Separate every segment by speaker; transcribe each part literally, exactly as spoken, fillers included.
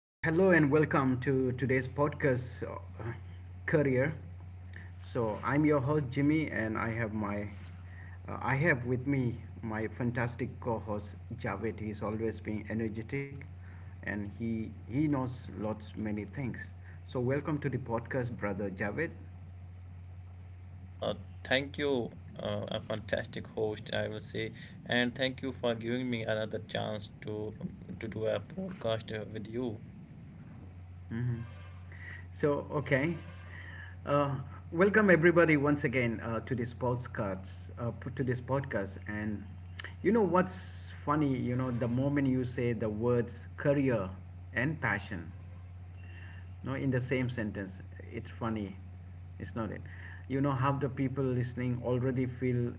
Speaker 1: Uh, hello and welcome to today's podcast, uh, career. So I'm your host Jimmy, and I have my, uh, I have with me my fantastic co-host Javed. He's always being energetic, and he he knows lots many things. So welcome to the podcast, brother Javed.
Speaker 2: Uh, thank you, uh, a fantastic host, I will say, and thank you for giving me another chance to to do a podcast uh, with you.
Speaker 1: hmm So, okay. Uh, Welcome everybody once again uh, to this podcast. Uh, p- to this podcast, and you know what's funny? You know the moment you say the words career and passion, no, in the same sentence, it's funny it's not it you know how the people listening already feel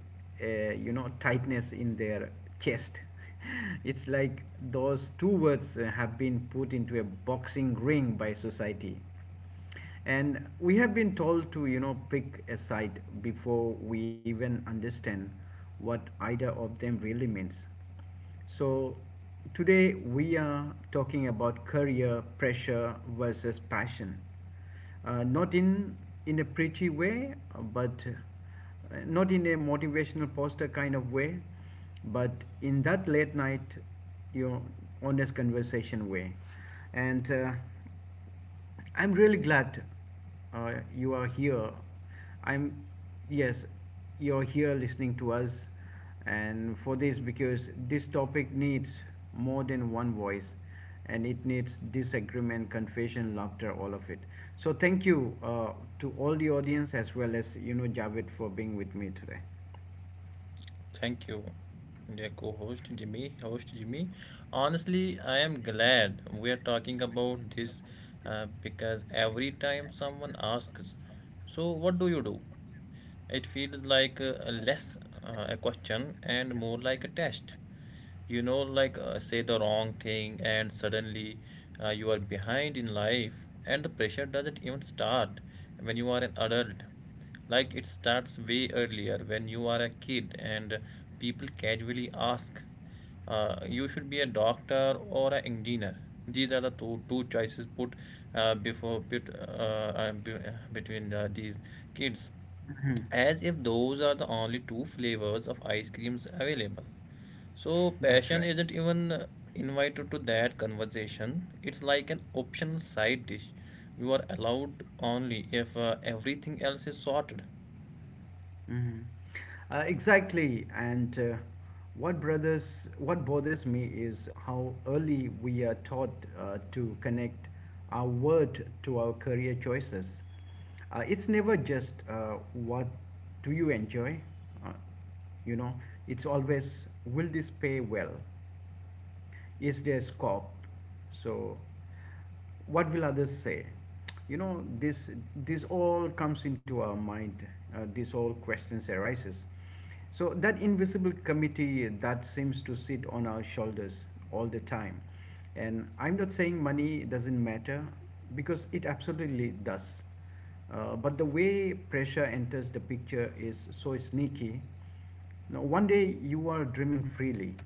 Speaker 1: uh, you know tightness in their chest. It's like those two words uh, have been put into a boxing ring by society, and we have been told to you know pick a side before we even understand what either of them really means. So today we are talking about career pressure versus passion, uh, not in in a preachy way, uh, but uh, not in a motivational poster kind of way, but in that late night, you know, honest conversation way, and uh, I'm really glad uh, you are here. I'm, yes, you're here listening to us, and for this, because this topic needs more than one voice, and it needs disagreement, confession, laughter, all of it. So, thank you uh, to all the audience, as well as you know, Javed, for being with me today.
Speaker 2: Thank you, dear co-host Jimmy, host Jimmy. Honestly, I am glad we are talking about this uh, because every time someone asks, "So what do you do?" it feels like uh, less uh, a question and more like a test. You know, like uh, say the wrong thing and suddenly uh, you are behind in life. And the pressure doesn't even start when you are an adult. Like, it starts way earlier when you are a kid, and people casually ask, uh, you should be a doctor or an engineer. These are the two, two choices put uh, before put, uh, uh, be, uh, between the, these kids, as if those are the only two flavors of ice creams available. So,
Speaker 1: That's
Speaker 2: passion
Speaker 1: right.
Speaker 2: isn't even invited to that conversation. It's like an optional side dish. You are allowed only if uh, everything else is sorted.
Speaker 1: Mhm. Uh, exactly. And uh, what brothers, what bothers me is how early we are taught uh, to connect our word to our career choices. Uh, it's never just uh, what do you enjoy, uh, you know. It's always, will this pay well, is there scope, so what will others say. You know, this this all comes into our mind, uh, this all questions arises. So that invisible committee that seems to sit on our shoulders all the time, and I'm not saying money doesn't matter, because it absolutely does. Uh, but the way pressure enters the picture is so sneaky. Now, one day you are dreaming freely,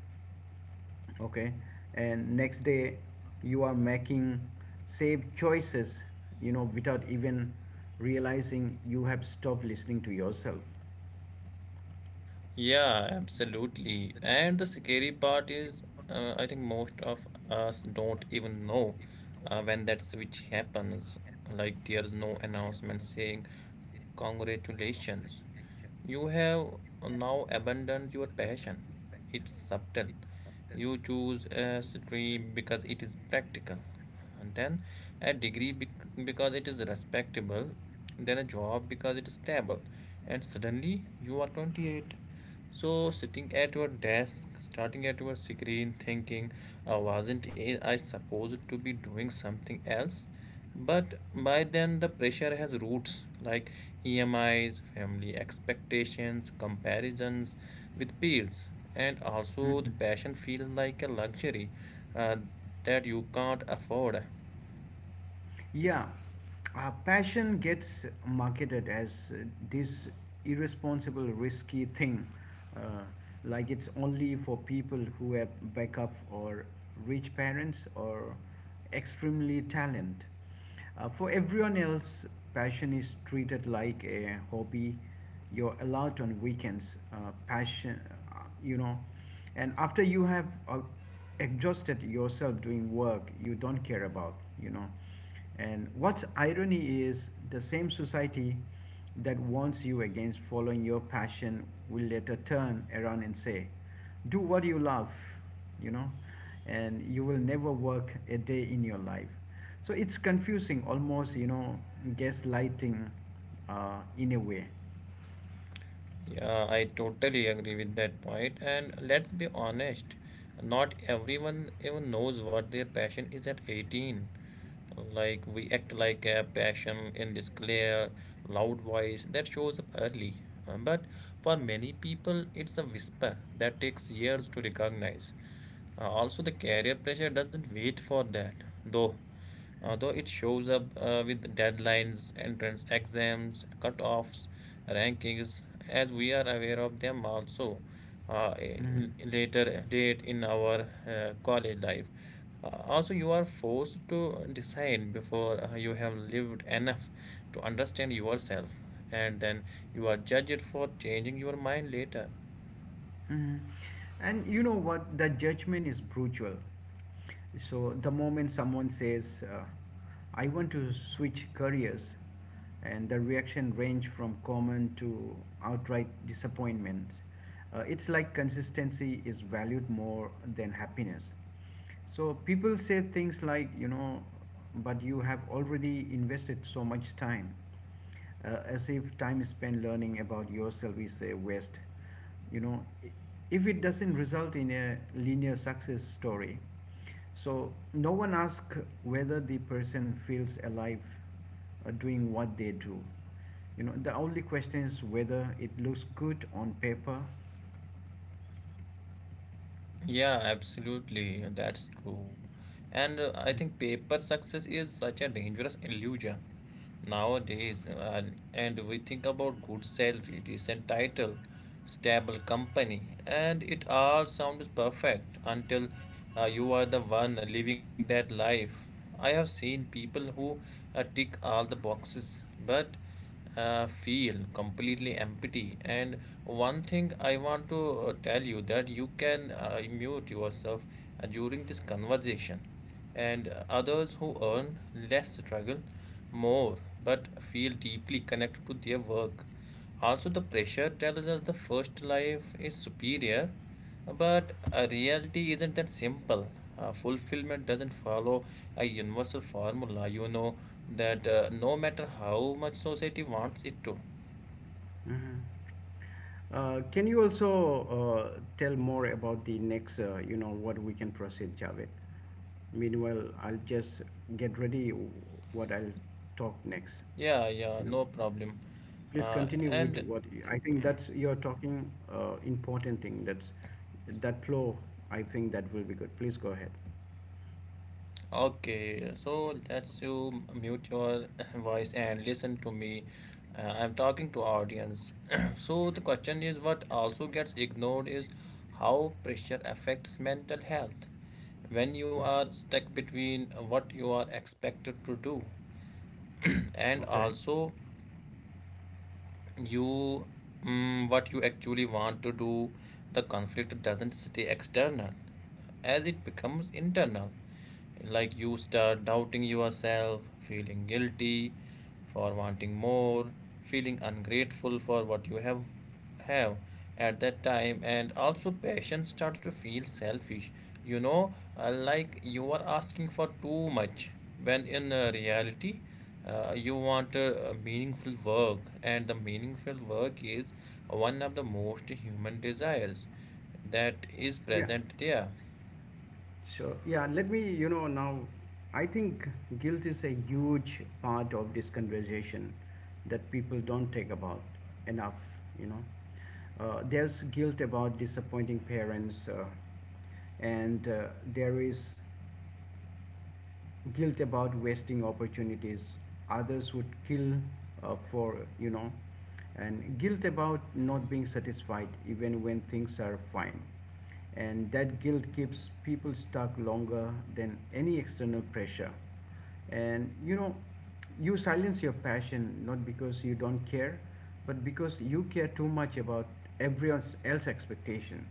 Speaker 1: okay, and next day you are making safe choices, you know, without even realizing you have stopped listening to yourself.
Speaker 2: Yeah, absolutely. And the scary part is, uh, I think most of us don't even know uh, when that switch happens. Like, there's no announcement saying, "Congratulations, you have now abandoned your passion." It's subtle. You choose a stream because it is practical, and then a degree bec- because it is respectable, then a job because it is stable, and suddenly you are twenty-eight, so, sitting at your desk, starting at your screen, thinking, uh, wasn't I supposed to be doing something else? But by then, the pressure has roots like E M Is, family expectations, comparisons with peers, and also the
Speaker 1: Mhm.
Speaker 2: passion feels like a luxury uh, that you can't afford.
Speaker 1: Yeah, uh, passion gets marketed as uh, this irresponsible, risky thing, uh, like it's only for people who have backup, or rich parents, or extremely talent. Uh, for everyone else, passion is treated like a hobby. You're allowed on weekends, uh, passion, uh, you know. And after you have uh, exhausted yourself doing work you don't care about, you know. And what's irony is the same society that warns you against following your passion will later turn around and say, do what you love, you know, and you will never work a day in your life. So it's confusing, almost, you know, gaslighting uh, in a way.
Speaker 2: Yeah, I totally agree with that point. And let's be honest, not everyone even knows what their passion is at eighteen. Like, we act like a passion in this clear, loud voice that shows up early. Uh, But for many people, it's a whisper that takes years to recognize. Uh, also, the career pressure doesn't wait for that, though. Although it shows up uh, with deadlines, entrance exams, cutoffs, rankings, as we are aware of them also, uh,
Speaker 1: Mhm.
Speaker 2: later late in our uh, college life. Uh, also, you are forced to decide before uh, you have lived enough to understand yourself, and then you are judged for changing your mind later.
Speaker 1: Mhm. And you know what? The judgment is brutal. So the moment someone says, uh, "I want to switch careers," and the reaction range from common to outright disappointment. Uh, it's like consistency is valued more than happiness. So people say things like, you know, but you have already invested so much time, uh, as if time spent learning about yourself is a waste. You know, if it doesn't result in a linear success story. So, no one asks whether the person feels alive uh, doing what they do. You know, the only question is whether it looks good on paper.
Speaker 2: Yeah, absolutely. That's true. And uh, I think
Speaker 1: Mhm.
Speaker 2: paper success is such a dangerous illusion nowadays. Uh, and we think about good salary, decent title, stable company, and it all sounds perfect until uh, you are the one living that life. I have seen people who uh, tick all the boxes, but uh, feel completely empty. And one thing I want to uh, tell you, that you can uh, mute yourself uh, during this conversation, and others who earn less struggle more but feel deeply connected to their work. Also, the pressure tells us the first life is superior, but uh, reality isn't that simple. Uh, fulfillment doesn't follow a universal formula, you know, that uh, no matter how much society wants it to.
Speaker 1: Mhm. Uh, can you also uh, tell more about the next, uh, you know, what we can proceed, Javed? Meanwhile, I'll just get ready what I'll talk next.
Speaker 2: Yeah,
Speaker 1: You
Speaker 2: yeah,
Speaker 1: know,
Speaker 2: no problem.
Speaker 1: please
Speaker 2: Uh,
Speaker 1: continue with
Speaker 2: and
Speaker 1: what you- I think that's you're talking uh, important thing. That's that flow. I think that will be good. Please go ahead.
Speaker 2: okay, so let's, you mute your voice and listen to me. Uh, I'm talking to audience. So the question is, what also gets ignored is how pressure affects mental health. When you are stuck between what you are expected to do and
Speaker 1: Okay.
Speaker 2: also you mm, what you actually want to do, the conflict doesn't stay external, as it becomes internal. Like, you start doubting yourself, feeling guilty for wanting more, feeling ungrateful for what you have have at that time. And also passion starts to feel selfish, you know, uh, like you are asking for too much when in uh, reality uh, you want a, a meaningful work, and the meaningful work is one of the most human desires that is
Speaker 1: Yeah.
Speaker 2: present there.
Speaker 1: So, yeah, let me, you know, now I think guilt is a huge part of this conversation that people don't take about enough, you know. Uh, there's guilt about disappointing parents, uh, and uh, there is guilt about wasting opportunities others would kill uh, for, you know, and guilt about not being satisfied even when things are fine. And that guilt keeps people stuck longer than any external pressure. And you know, you silence your passion not because you don't care, but because you care too much about everyone else's expectation.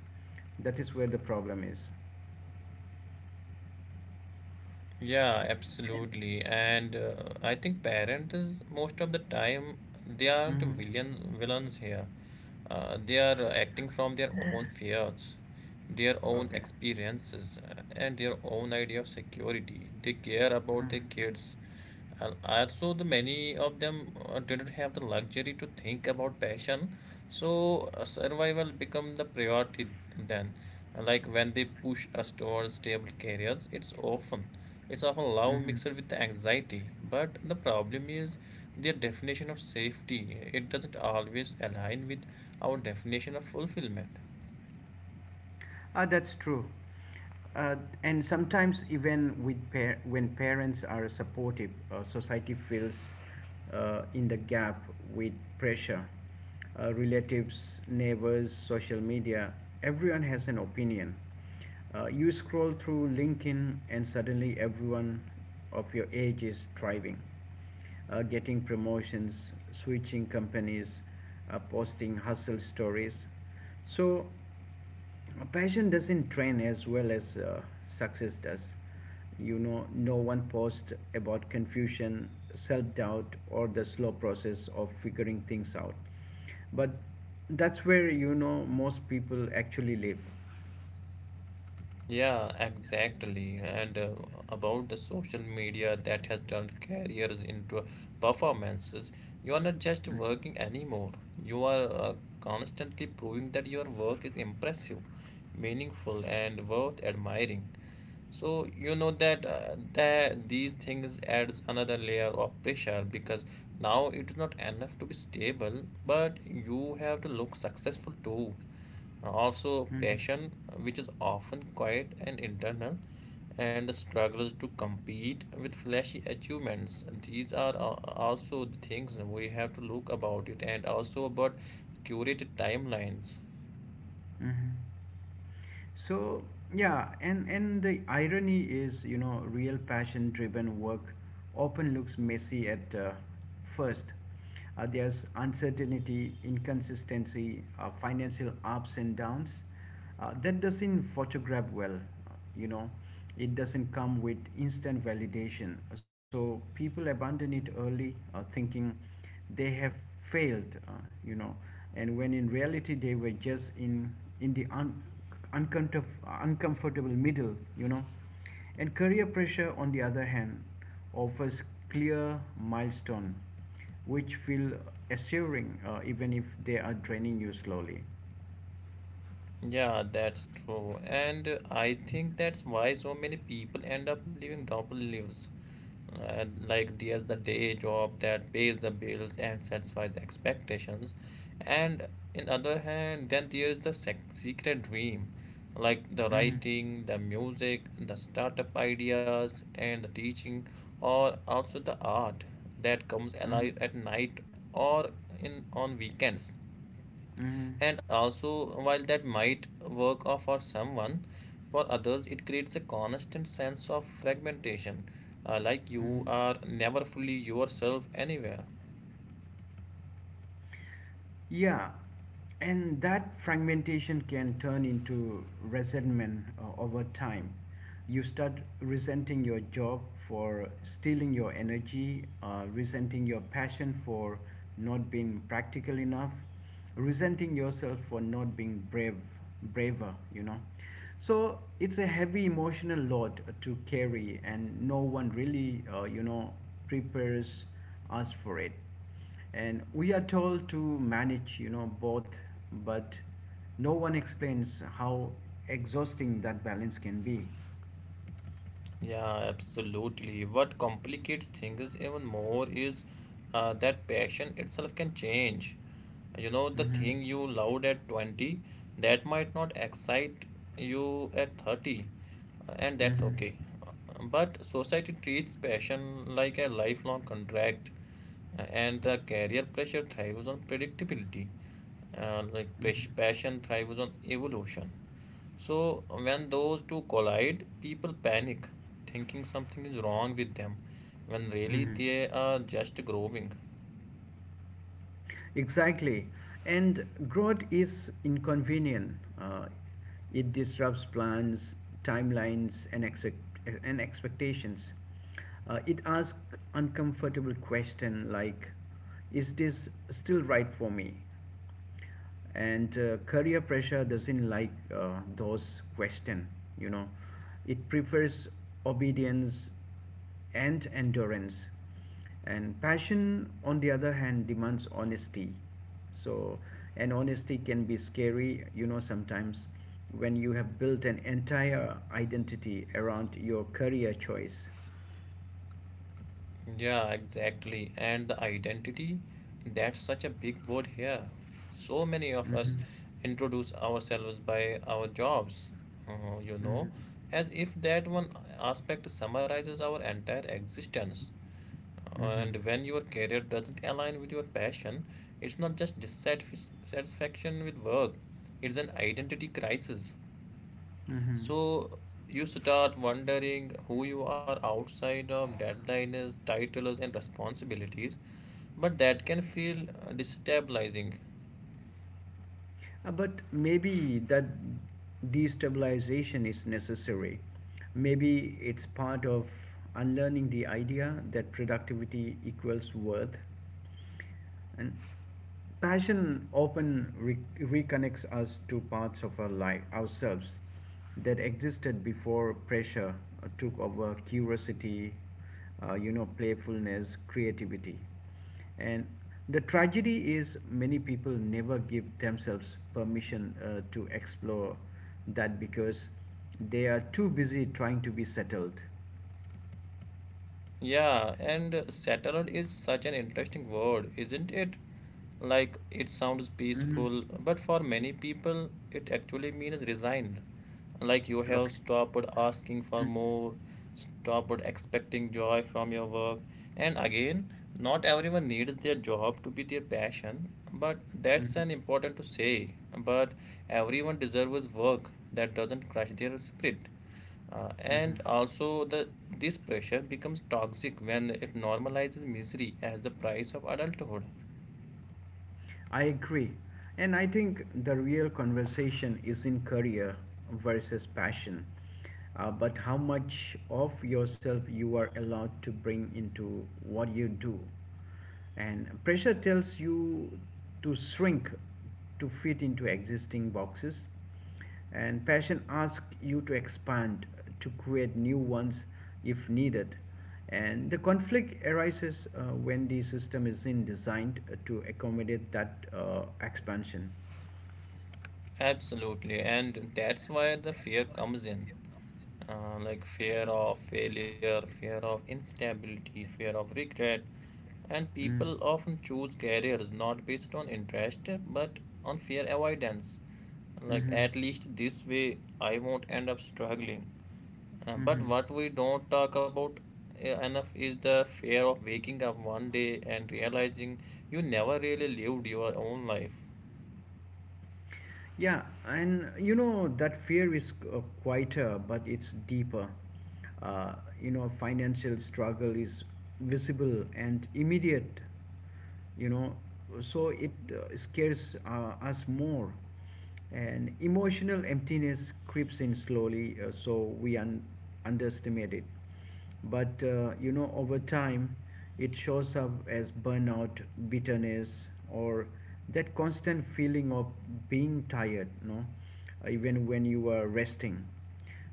Speaker 1: That is where the problem is.
Speaker 2: Yeah, absolutely. And uh, I think parents, is most of the time, they aren't
Speaker 1: Mhm.
Speaker 2: villain, villains here. Uh, they are uh, acting from their own fears, their own
Speaker 1: Okay.
Speaker 2: experiences, uh, and their own idea of security. They care about
Speaker 1: Mhm.
Speaker 2: their kids. And also, the many of them uh, didn't have the luxury to think about passion, so uh, survival become the priority then. And like, when they push us towards stable careers, it's often it's often love
Speaker 1: Mhm.
Speaker 2: mixed with anxiety. But the problem is their definition of safety. It doesn't always align with our definition of fulfillment.
Speaker 1: Uh, that's true. Uh, and sometimes even with par- when parents are supportive, uh, society feels uh, in the gap with pressure. Uh, relatives, neighbors, social media, everyone has an opinion. Uh, you scroll through LinkedIn and suddenly everyone of your age is thriving, uh, getting promotions, switching companies, uh, posting hustle stories. So uh, passion doesn't train as well as uh, success does. You know, no one post about confusion, self doubt, or the slow process of figuring things out. But that's where, you know, most people actually live.
Speaker 2: Yeah, exactly. And uh, about the social media, that has turned careers into performances. You are not just working anymore. You are uh, constantly proving that your work is impressive, meaningful, and worth admiring. So you know that uh, that these things adds another layer of pressure, because now it is not enough to be stable, but you have to look successful too. Also,
Speaker 1: Mhm.
Speaker 2: passion, which is often quiet and internal, and the struggles to compete with flashy achievements. These are al- also the things we have to look about it, and also about curated timelines.
Speaker 1: So yeah, and and the irony is, you know, real passion-driven work often looks messy at uh, first. Uh, there's uncertainty, inconsistency, uh, financial ups and downs. Uh, that doesn't photograph well, you know. It doesn't come with instant validation. So people abandon it early, uh, thinking they have failed, uh, you know, and when in reality they were just in in the un- uncomfortable, uncomfortable middle, you know. And career pressure, on the other hand, offers clear milestone, which feel assuring uh, even if they are draining you slowly.
Speaker 2: Yeah, that's true. And uh, I think that's why so many people end up living double lives. And like, there's the day job that pays the bills and satisfies expectations. And in other hand, then there's the sec secret dream, like the
Speaker 1: Hmm.
Speaker 2: writing, the music, the startup ideas, and the teaching, or also the art that comes
Speaker 1: Hmm.
Speaker 2: alive at night or in on weekends.
Speaker 1: Hmm.
Speaker 2: And also, while that might work off for someone, for others it creates a constant sense of fragmentation, uh, like you
Speaker 1: Hmm.
Speaker 2: are never fully yourself anywhere.
Speaker 1: Yeah, and that fragmentation can turn into resentment uh, over time. You start resenting your job for stealing your energy, uh, resenting your passion for not being practical enough, resenting yourself for not being brave, braver, you know. So it's a heavy emotional load to carry, and no one really, uh, you know, prepares us for it. And we are told to manage you know both, but no one explains how exhausting that balance can be.
Speaker 2: Yeah, absolutely. What complicates things even more is uh, that passion itself can change. You know, the
Speaker 1: Mm-hmm.
Speaker 2: thing you loved at twenty that might not excite you at thirty, uh, and that's
Speaker 1: Mm-hmm.
Speaker 2: okay. Uh, But society treats passion like a lifelong contract, uh, and the career pressure thrives on predictability. Uh, like
Speaker 1: Mm-hmm.
Speaker 2: pres- passion thrives on evolution. So when those two collide, people panic, thinking something is wrong with them, when really
Speaker 1: Mm-hmm.
Speaker 2: they are just growing.
Speaker 1: Exactly. And growth is inconvenient. Uh, it disrupts plans, timelines, and, exec- and expectations. Uh, it asks uncomfortable questions like, is this still right for me? and uh, career pressure doesn't like uh, those questions, you know. It prefers obedience and endurance, and passion on the other hand demands honesty. So, and honesty can be scary, you know, sometimes, when you have built an entire identity around your career choice.
Speaker 2: Yeah, exactly. And the identity, that's such a big word here. So many of us
Speaker 1: Mm-hmm.
Speaker 2: introduce ourselves by our jobs, uh, you
Speaker 1: Mm-hmm.
Speaker 2: know, as if that one aspect summarizes our entire existence.
Speaker 1: Mm-hmm.
Speaker 2: And when your career doesn't align with your passion, it's not just dissatisfaction with work, it's an identity crisis.
Speaker 1: Mm-hmm.
Speaker 2: So you start wondering who you are outside of deadlines, titles, and responsibilities, but that can feel uh, destabilizing.
Speaker 1: Uh, But maybe that destabilization is necessary. Maybe it's part of unlearning the idea that productivity equals worth. And passion often re- reconnects us to parts of our life, ourselves, that existed before pressure uh, took over curiosity, uh, you know, playfulness, creativity. And the tragedy is many people never give themselves permission uh, to explore that because they are too busy trying to be settled.
Speaker 2: Yeah, and uh, settled is such an interesting word, isn't it? Like, it sounds
Speaker 1: Hmm.
Speaker 2: peaceful, but for many people, it actually means resigned. Like, you have
Speaker 1: Okay.
Speaker 2: stopped asking for
Speaker 1: Mm-hmm.
Speaker 2: more, stopped expecting joy from your work. And again, not everyone needs their job to be their passion, but that's an important to say. But everyone deserves work that doesn't crush their spirit. Uh,
Speaker 1: Mm-hmm.
Speaker 2: and also the this pressure becomes toxic when it normalizes misery as the price of adulthood.
Speaker 1: I agree. And I think the real conversation is in career versus passion, uh, but how much of yourself you are allowed to bring into what you do. And pressure tells you to shrink to fit into existing boxes, and passion asks you to expand, to create new ones if needed. And the conflict arises uh, when the system isn't designed to accommodate that uh, expansion.
Speaker 2: Absolutely, and that's where the fear comes in. Uh, like, fear of failure, fear of instability, fear of regret, and
Speaker 1: Mm.
Speaker 2: people often choose careers not based on interest but on fear avoidance. Like,
Speaker 1: Mm-hmm.
Speaker 2: at least this way, I won't end up struggling. Uh, but
Speaker 1: Mm-hmm.
Speaker 2: what we don't talk about uh, enough is the fear of waking up one day and realizing you never really lived your own life.
Speaker 1: Yeah, and you know that fear is uh, quieter, but it's deeper. Uh, you know, financial struggle is visible and immediate. You know, so it uh, scares uh, us more, and emotional emptiness creeps in slowly, uh, so we un- underestimate it. But uh, you know, over time it shows up as burnout, bitterness, or that constant feeling of being tired, no, even when you are resting.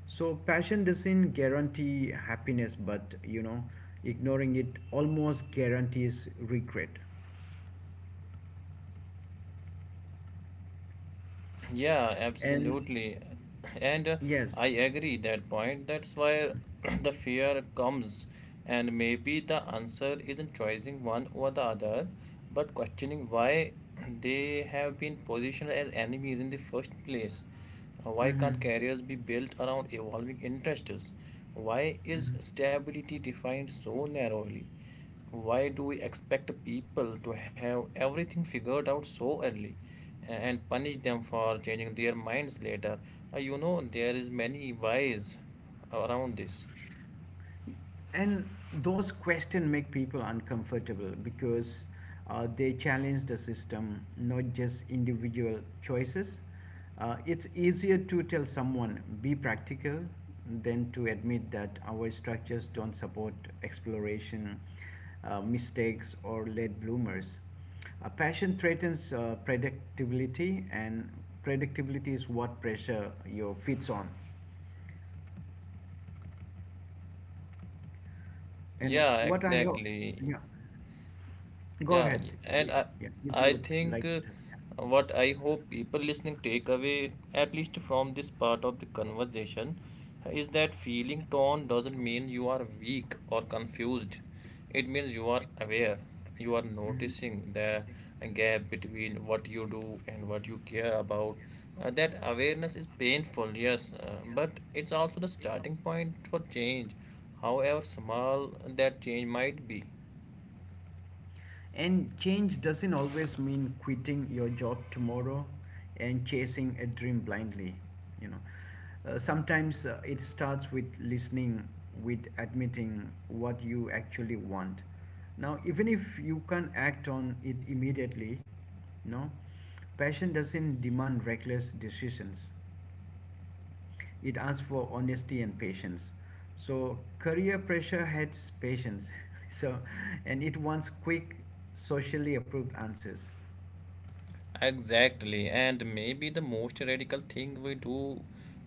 Speaker 1: So passion doesn't guarantee happiness, but you know, ignoring it almost guarantees regret.
Speaker 2: Yeah,
Speaker 1: And
Speaker 2: absolutely. And uh,
Speaker 1: yes.
Speaker 2: I agree that point. That's why the fear comes. And maybe the answer isn't choosing one or the other, but questioning why they have been positioned as enemies in the first place. Uh, Why
Speaker 1: Mm-hmm.
Speaker 2: can't careers be built around evolving interests? Why is
Speaker 1: Mm-hmm.
Speaker 2: stability defined so narrowly? Why do we expect people to have everything figured out so early, and punish them for changing their minds later? Uh, you know, there is many whys around this.
Speaker 1: And those questions make people uncomfortable because uh, they challenge the system, not just individual choices. Uh, it's easier to tell someone, be practical, than to admit that our structures don't support exploration, uh, mistakes, or late bloomers. Uh, passion threatens uh, predictability, and predictability is what pressure you fits on. And
Speaker 2: Yeah,
Speaker 1: what I hope,
Speaker 2: exactly.
Speaker 1: yeah. Go
Speaker 2: Yeah,
Speaker 1: ahead.
Speaker 2: y- and
Speaker 1: Y-
Speaker 2: I,
Speaker 1: Yeah, if you
Speaker 2: I
Speaker 1: would
Speaker 2: think
Speaker 1: like
Speaker 2: uh,
Speaker 1: to. Yeah.
Speaker 2: what I hope people listening take away, at least from this part of the conversation, is that feeling torn doesn't mean you are weak or confused. It means you are aware. You are
Speaker 1: Mhm.
Speaker 2: noticing the gap between what you do and what you care about. Uh, that awareness is painful, yes, uh, but it's also the starting point for change, however small that change might be.
Speaker 1: And change doesn't always mean quitting your job tomorrow and chasing a dream blindly. You know, uh, sometimes uh, it starts with listening, with admitting what you actually want. Now, even if you can't act on it immediately, no, passion doesn't demand reckless decisions. It asks for honesty and patience. So career pressure hates patience. So, and it wants quick, socially approved answers.
Speaker 2: Exactly, and maybe the most radical thing we do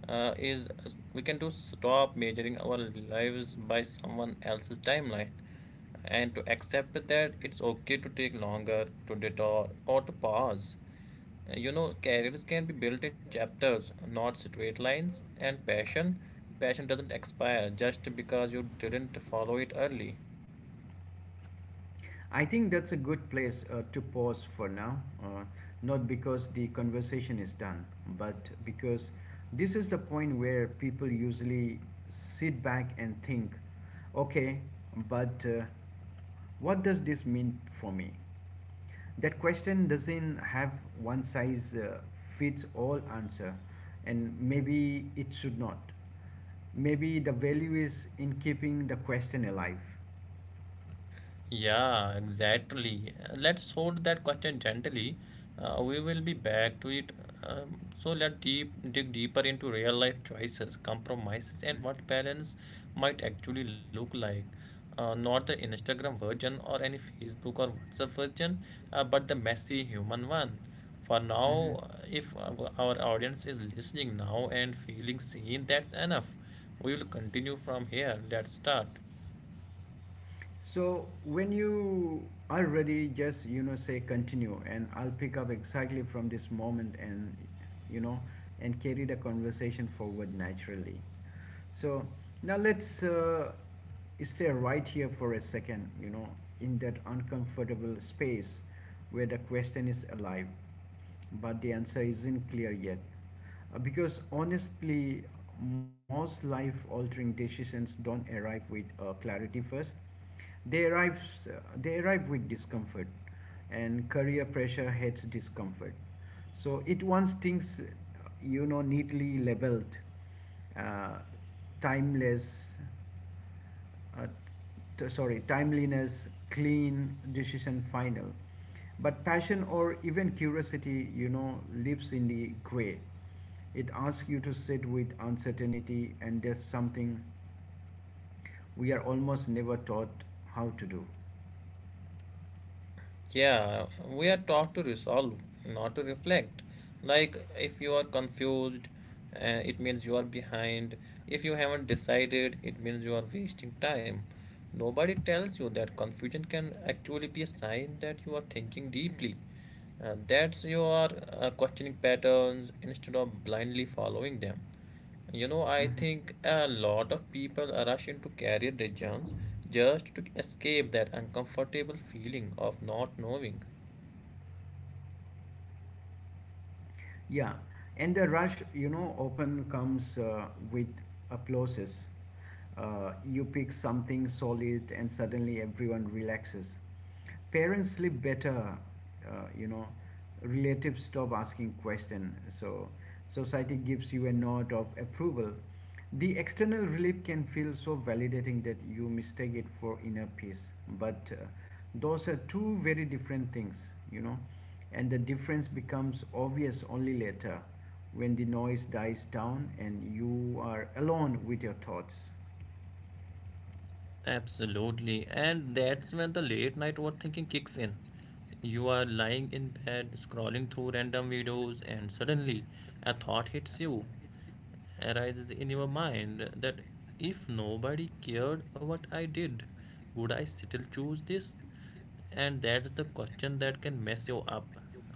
Speaker 2: uh, is uh, we can do, stop measuring our lives by someone else's timeline, and to accept that it's okay to take longer, to detour, or to pause. Uh, You know, careers can be built in chapters, not straight lines, and passion, passion doesn't expire just because you didn't follow it early.
Speaker 1: I think that's a good place uh, to pause for now, uh, not because the conversation is done, but because this is the point where people usually sit back and think, okay, but uh, what does this mean for me? That question doesn't have one size uh, fits all answer, and maybe it should not. Maybe the value is in keeping the question alive.
Speaker 2: Yeah, exactly. Uh, Let's sort that question gently. Uh, we will be back to it. Um, so let us deep dig deeper into real life choices, compromises, and what balance might actually look like. Uh, not the Instagram version or any Facebook or WhatsApp version, uh, but the messy human one. For
Speaker 1: Mm-hmm.
Speaker 2: now, uh, if our our audience is listening now and feeling seen, that's enough. We will continue from here. Let's start.
Speaker 1: So when you are ready, just you know say continue, and I'll pick up exactly from this moment, and you know, and carry the conversation forward naturally. So now let's uh, stay right here for a second. You know, in that uncomfortable space where the question is alive, but the answer isn't clear yet. Uh, because honestly, most life-altering decisions don't arrive with uh, clarity first. They arrive, uh, they arrive with discomfort, and career pressure hates discomfort. So it wants things, you know, neatly labeled, uh, timeless, uh, t- sorry, timeliness, clean, decision final. But passion or even curiosity, you know, lives in the gray. It asks you to sit with uncertainty, and that's something we are almost never taught how to do.
Speaker 2: Yeah, we are taught to resolve, not to reflect. Like, if you are confused, uh, it means you are behind. If you haven't decided, it means you are wasting time. Nobody tells you that confusion can actually be a sign that you are thinking deeply. Uh, that's you are uh, questioning patterns instead of blindly following them. You know, I
Speaker 1: Mhm.
Speaker 2: think a lot of people rush into career decisions just to escape that uncomfortable feeling of not knowing.
Speaker 1: Yeah, and the rush, you know, often comes uh, with applauses. Uh, you pick something solid, and suddenly everyone relaxes. Parents sleep better, uh, you know. Relatives stop asking questions. So society gives you a nod of approval. The external relief can feel so validating that you mistake it for inner peace, but uh, those are two very different things, you know, and the difference becomes obvious only later when the noise dies down and you are alone with your thoughts.
Speaker 2: Absolutely. And that's when the late night overthinking kicks in. You are lying in bed, scrolling through random videos, and suddenly a thought hits you. Arises in your mind that if nobody cared what I did, would I still choose this? And that's the question that can mess you up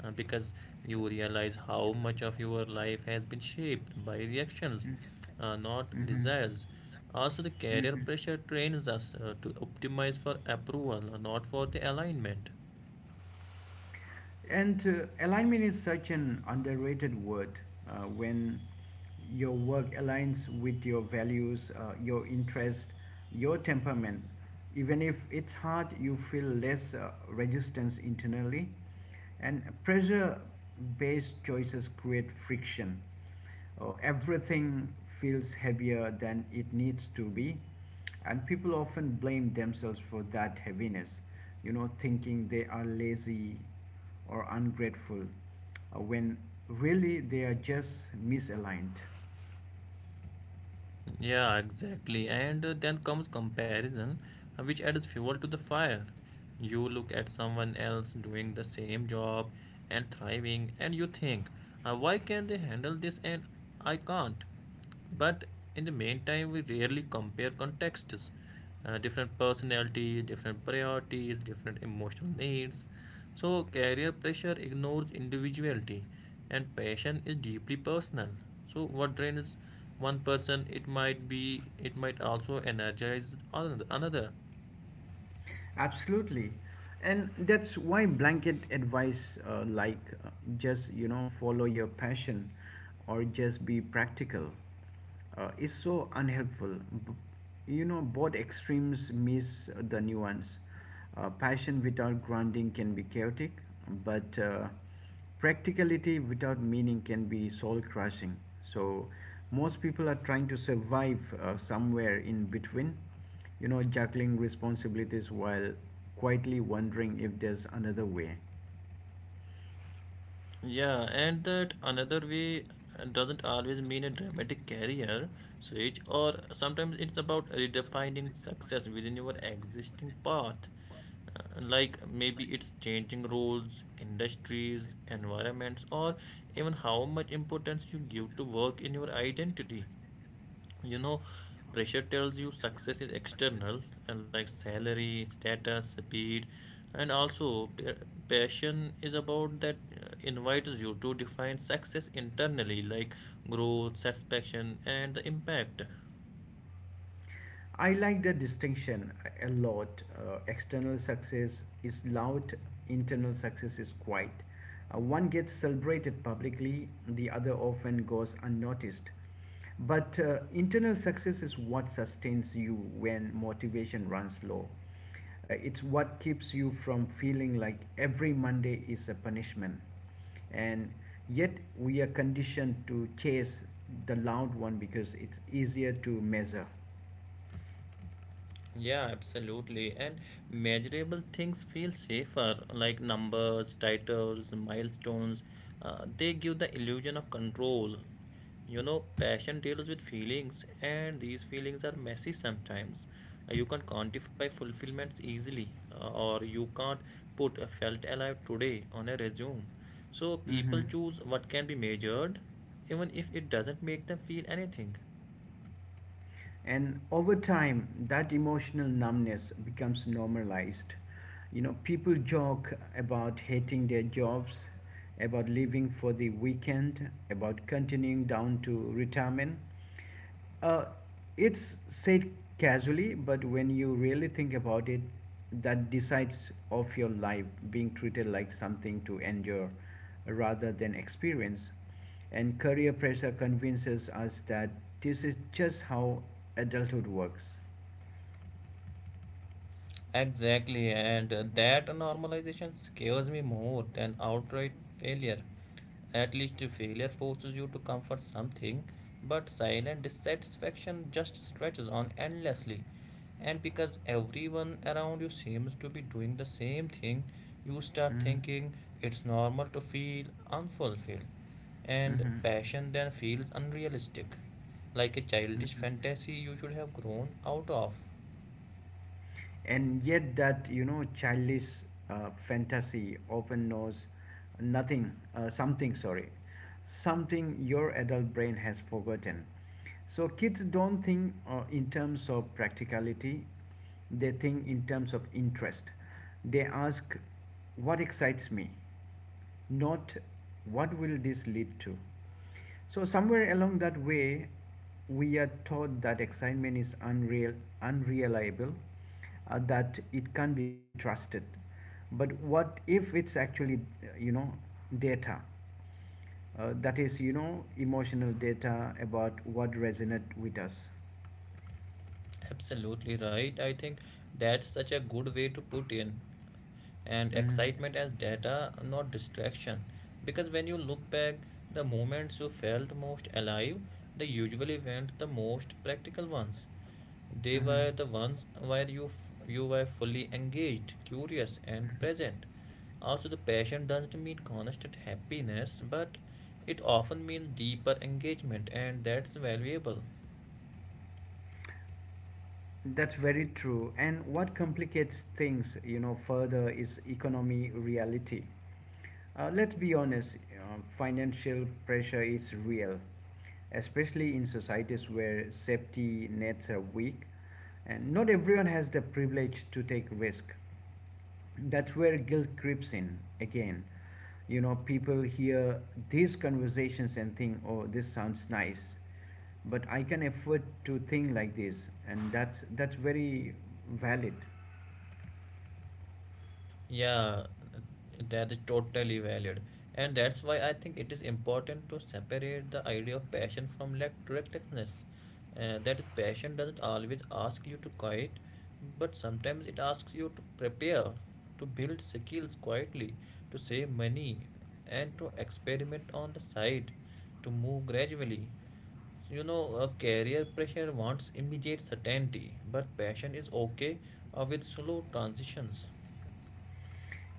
Speaker 2: uh, because you realize how much of your life has been shaped by reactions, uh, not
Speaker 1: Mhm.
Speaker 2: desires. Also, the
Speaker 1: Mhm.
Speaker 2: career
Speaker 1: Mhm.
Speaker 2: pressure trains us uh, to optimize for approval, not for the alignment.
Speaker 1: And uh, alignment is such an underrated word. Uh, when your work aligns with your values, uh, your interest, your temperament, even if it's hard, you feel less uh, resistance internally. And pressure based choices create friction. Oh, everything feels heavier than it needs to be, and people often blame themselves for that heaviness, you know, thinking they are lazy or ungrateful uh, when really they are just misaligned.
Speaker 2: Yeah, exactly. And uh, then comes comparison, uh, which adds fuel to the fire. You look at someone else doing the same job and thriving, and you think, "Uh, why can they handle this and I can't? But in the meantime, we rarely compare contexts. Uh, different personalities, different priorities, different emotional needs. So, career pressure ignores individuality, and passion is deeply personal. So, what drains one person, it might be, it might also energize another. another.
Speaker 1: Absolutely. And that's why blanket advice uh, like uh, just, you know, follow your passion or just be practical uh, is so unhelpful. B- you know, Both extremes miss the nuance. Uh, passion without grounding can be chaotic, but uh, practicality without meaning can be soul crushing. So, most people are trying to survive uh, somewhere in between, you know, juggling responsibilities while quietly wondering if there's another way.
Speaker 2: Yeah, and that another way uh, doesn't always mean a dramatic career switch, or sometimes it's about redefining success within your existing path. Uh, like maybe it's changing roles, industries, environments, or even how much importance you give to work in your identity, you know, pressure tells you success is external, and like salary, status, speed, and also pa- passion is about that, uh, invites you to define success internally, like growth, satisfaction, and the impact.
Speaker 1: I like the distinction a lot. Uh, external success is loud, internal success is quiet. Uh, one gets celebrated publicly, the other often goes unnoticed. But uh, internal success is what sustains you when motivation runs low. Uh, it's what keeps you from feeling like every Monday is a punishment. And yet we are conditioned to chase the loud one because it's easier to measure.
Speaker 2: Yeah, absolutely. And measurable things feel safer, like numbers, titles, milestones. Uh, they give the illusion of control. You know, passion deals with feelings, and these feelings are messy sometimes. Uh, you can't quantify fulfillments easily, uh, or you can't put a felt alive today on a resume. So
Speaker 1: Hmm.
Speaker 2: people choose what can be measured, even if it doesn't make them feel anything.
Speaker 1: And over time, that emotional numbness becomes normalized. You know, people joke about hating their jobs, about living for the weekend, about continuing down to retirement. Uh, it's said casually, but when you really think about it, that decides of your life being treated like something to endure rather than experience. And career pressure convinces us that this is just how adulthood works.
Speaker 2: Exactly, and uh, that normalization scares me more than outright failure. At least failure forces you to comfort something, but silent dissatisfaction just stretches on endlessly. And because everyone around you seems to be doing the same thing, you start
Speaker 1: Hmm.
Speaker 2: thinking it's normal to feel unfulfilled. And
Speaker 1: Hmm.
Speaker 2: passion then feels unrealistic, like a childish
Speaker 1: Hmm.
Speaker 2: fantasy you should have grown out of.
Speaker 1: And yet, that you know, childish uh, fantasy often knows nothing, uh, something, sorry, something your adult brain has forgotten. So, kids don't think uh, in terms of practicality, they think in terms of interest. They ask, "What excites me?" not, "What will this lead to?" So somewhere along that way, we are taught that excitement is unreal, unreliable, uh, that it can't be trusted. But what if it's actually, uh, you know, data? Uh, that is, you know, emotional data about what resonates with us.
Speaker 2: Absolutely right. I think that's such a good way to put in and
Speaker 1: Mm-hmm.
Speaker 2: excitement as data, not distraction. Because when you look back, the moments you felt most alive, they usually weren't the most practical ones. They
Speaker 1: Mm-hmm.
Speaker 2: were the ones where you f- you were fully engaged, curious, and present. Also, the passion doesn't mean constant happiness, but it often means deeper engagement, and that's valuable.
Speaker 1: That's very true. And what complicates things, you know, further is economy reality. Uh, let's be honest, you know, financial pressure is real, especially in societies where safety nets are weak, and not everyone has the privilege to take risk. That's where guilt creeps in again. You know people hear these conversations and think, "Oh, this sounds nice, but I can afford to think like this." And that's that's very valid.
Speaker 2: Yeah, that is totally valid. And that's why I think it is important to separate the idea of passion from lack recklessness. Uh, that is, passion doesn't always ask you to quit, but sometimes it asks you to prepare, to build skills quietly, to save money, and to experiment on the side, to move gradually. So, you know, a career pressure wants immediate certainty, but passion is okay uh, with slow transitions.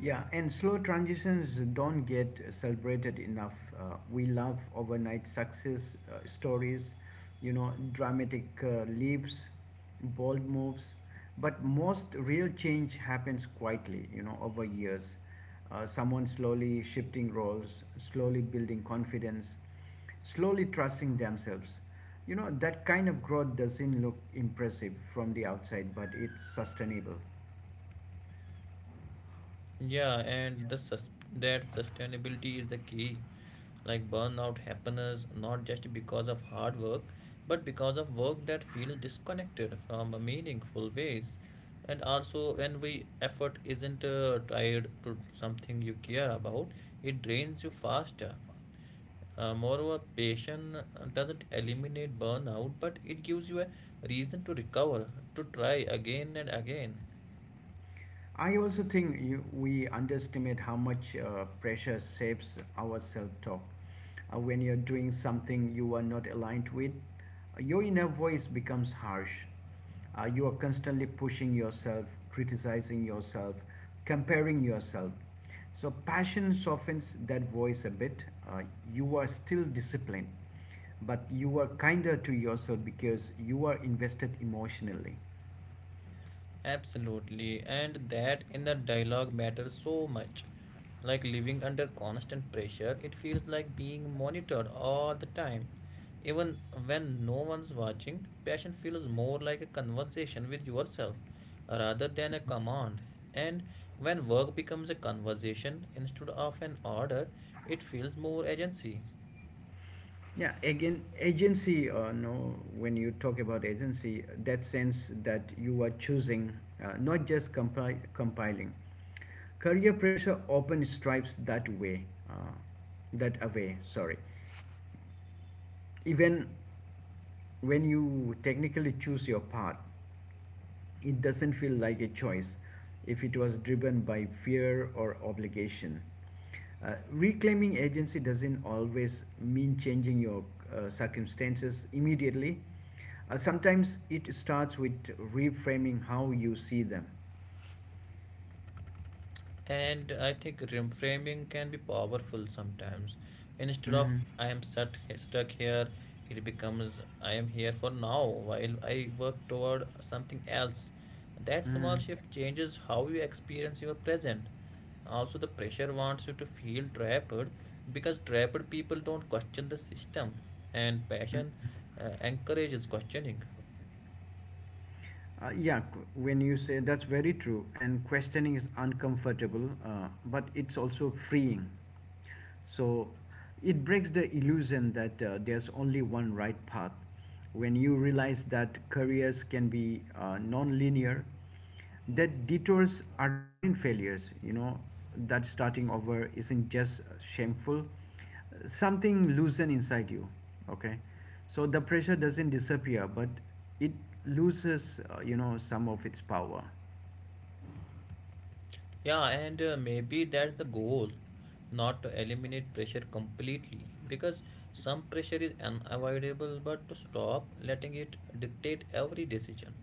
Speaker 1: Yeah, and slow transitions don't get celebrated enough. Uh, we love overnight success uh, stories, you know, dramatic uh, leaps, bold moves, but most real change happens quietly, you know, over years. Uh, someone slowly shifting roles, slowly building confidence, slowly trusting themselves. You know, that kind of growth doesn't look impressive from the outside, but it's sustainable.
Speaker 2: Yeah, and the sus- that sustainability is the key. Like burnout happens not just because of hard work, but because of work that feels disconnected from meaningful ways. And also, when we effort isn't uh, tied to something you care about, it drains you faster. Uh, moreover, passion uh, doesn't eliminate burnout, but it gives you a reason to recover, to try again and again.
Speaker 1: I also think you, we underestimate how much uh, pressure shapes our self talk. Uh, when you're doing something you are not aligned with, uh, your inner voice becomes harsh. Uh, you are constantly pushing yourself, criticizing yourself, comparing yourself. So, passion softens that voice a bit. Uh, you are still disciplined, but you are kinder to yourself because you are invested emotionally.
Speaker 2: Absolutely, and that in the dialogue matters so much. Like living under constant pressure, it feels like being monitored all the time. Even when no one's watching, passion feels more like a conversation with yourself rather than a command. And when work becomes a conversation instead of an order, it feels more agency.
Speaker 1: Yeah, again, agency, uh, no, when you talk about agency, that sense that you are choosing, uh, not just compi- compiling. Career pressure often stripes that way, uh, that away, sorry, even when you technically choose your path, it doesn't feel like a choice if it was driven by fear or obligation. Uh, reclaiming agency doesn't always mean changing your uh, circumstances immediately. Uh, sometimes it starts with reframing how you see them.
Speaker 2: And I think reframing can be powerful sometimes. Instead of
Speaker 1: Mhm.
Speaker 2: I am stuck stuck here, it becomes I am here for now while I work toward something else. That small
Speaker 1: Mhm.
Speaker 2: shift changes how you experience your present. Also, the pressure wants you to feel trapped because trapped people don't question the system, and passion uh, encourages questioning.
Speaker 1: Uh, yeah, qu- when you say that's very true, and questioning is uncomfortable, uh, but it's also freeing. So it breaks the illusion that uh, there's only one right path. When you realize that careers can be uh, non linear, that detours aren't failures, you know that starting over isn't just shameful, something loosened inside you. Okay, so the pressure doesn't disappear, but it loses uh, you know some of its power.
Speaker 2: Yeah, and uh, maybe that's the goal, not to eliminate pressure completely, because some pressure is unavoidable, but to stop letting it dictate every decision,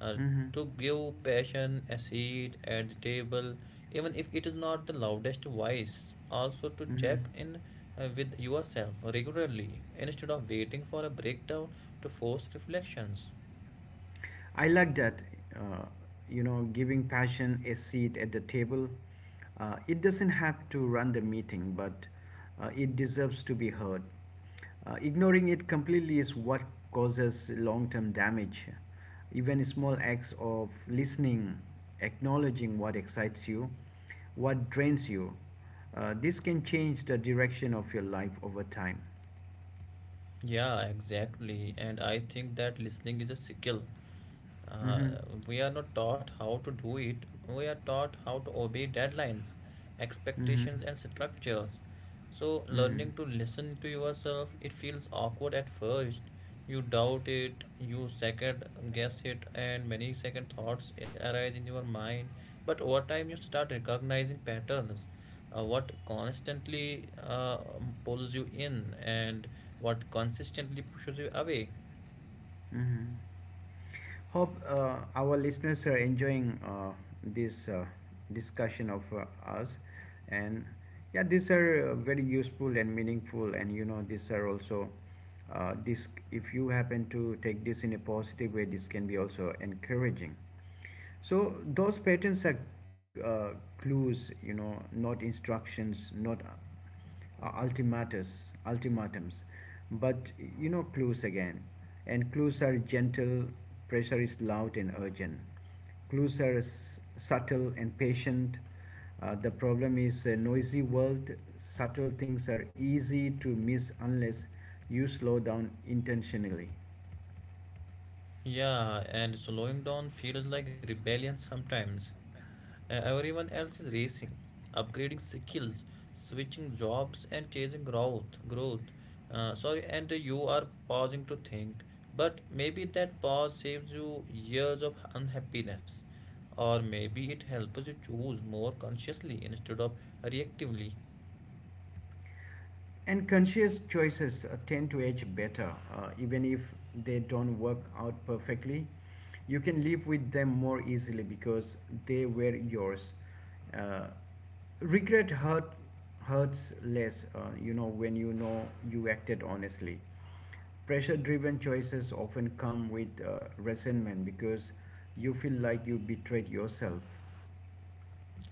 Speaker 2: uh,
Speaker 1: Mm-hmm.
Speaker 2: to give passion a seat at the table, even if it is not the loudest voice, also to
Speaker 1: Mm-hmm.
Speaker 2: check in uh, with yourself regularly instead of waiting for a breakdown to force reflections.
Speaker 1: I like that, uh, you know, giving passion a seat at the table. Uh, it doesn't have to run the meeting, but uh, it deserves to be heard. Uh, ignoring it completely is what causes long term damage. Even small acts of listening, acknowledging what excites you, what drains you, uh, this can change the direction of your life over time.
Speaker 2: Yeah, exactly. And I think that listening is a skill. Uh,
Speaker 1: Mm-hmm.
Speaker 2: we are not taught how to do it. We are taught how to obey deadlines,
Speaker 1: Mm-hmm.
Speaker 2: expectations, and structures. So,
Speaker 1: Mm-hmm.
Speaker 2: learning to listen to yourself, it feels awkward at first. You doubt it, you second guess it, and many second thoughts arise in your mind. But over time, you start recognizing patterns. Uh, what constantly uh, pulls you in and what consistently pushes you away.
Speaker 1: Mm-hmm. Hope uh, our listeners are enjoying uh, this uh, discussion of uh, us, and yeah, these are uh, very useful and meaningful, and you know, these are also uh, this. If you happen to take this in a positive way, this can be also encouraging. So those patterns are uh, clues, you know, not instructions, not uh, ultimatus, ultimatums, but you know clues again. And clues are gentle, pressure is loud and urgent. Clues are s- subtle and patient. Uh, the problem is a noisy world. Subtle things are easy to miss unless you slow down intentionally.
Speaker 2: Yeah, and slowing down feels like rebellion sometimes. E- Everyone else is racing, upgrading skills, switching jobs, and chasing growth. Growth. Uh, sorry, and you are pausing to think. But maybe that pause saves you years of unhappiness, or maybe it helps you choose more consciously instead of reactively.
Speaker 1: And conscious choices uh, tend to age better, uh, even if they don't work out perfectly. You can live with them more easily because they were yours. Uh, Regret hurt, hurts less, uh, you know, when you know you acted honestly. Pressure driven choices often come with uh, resentment because you feel like you betrayed yourself.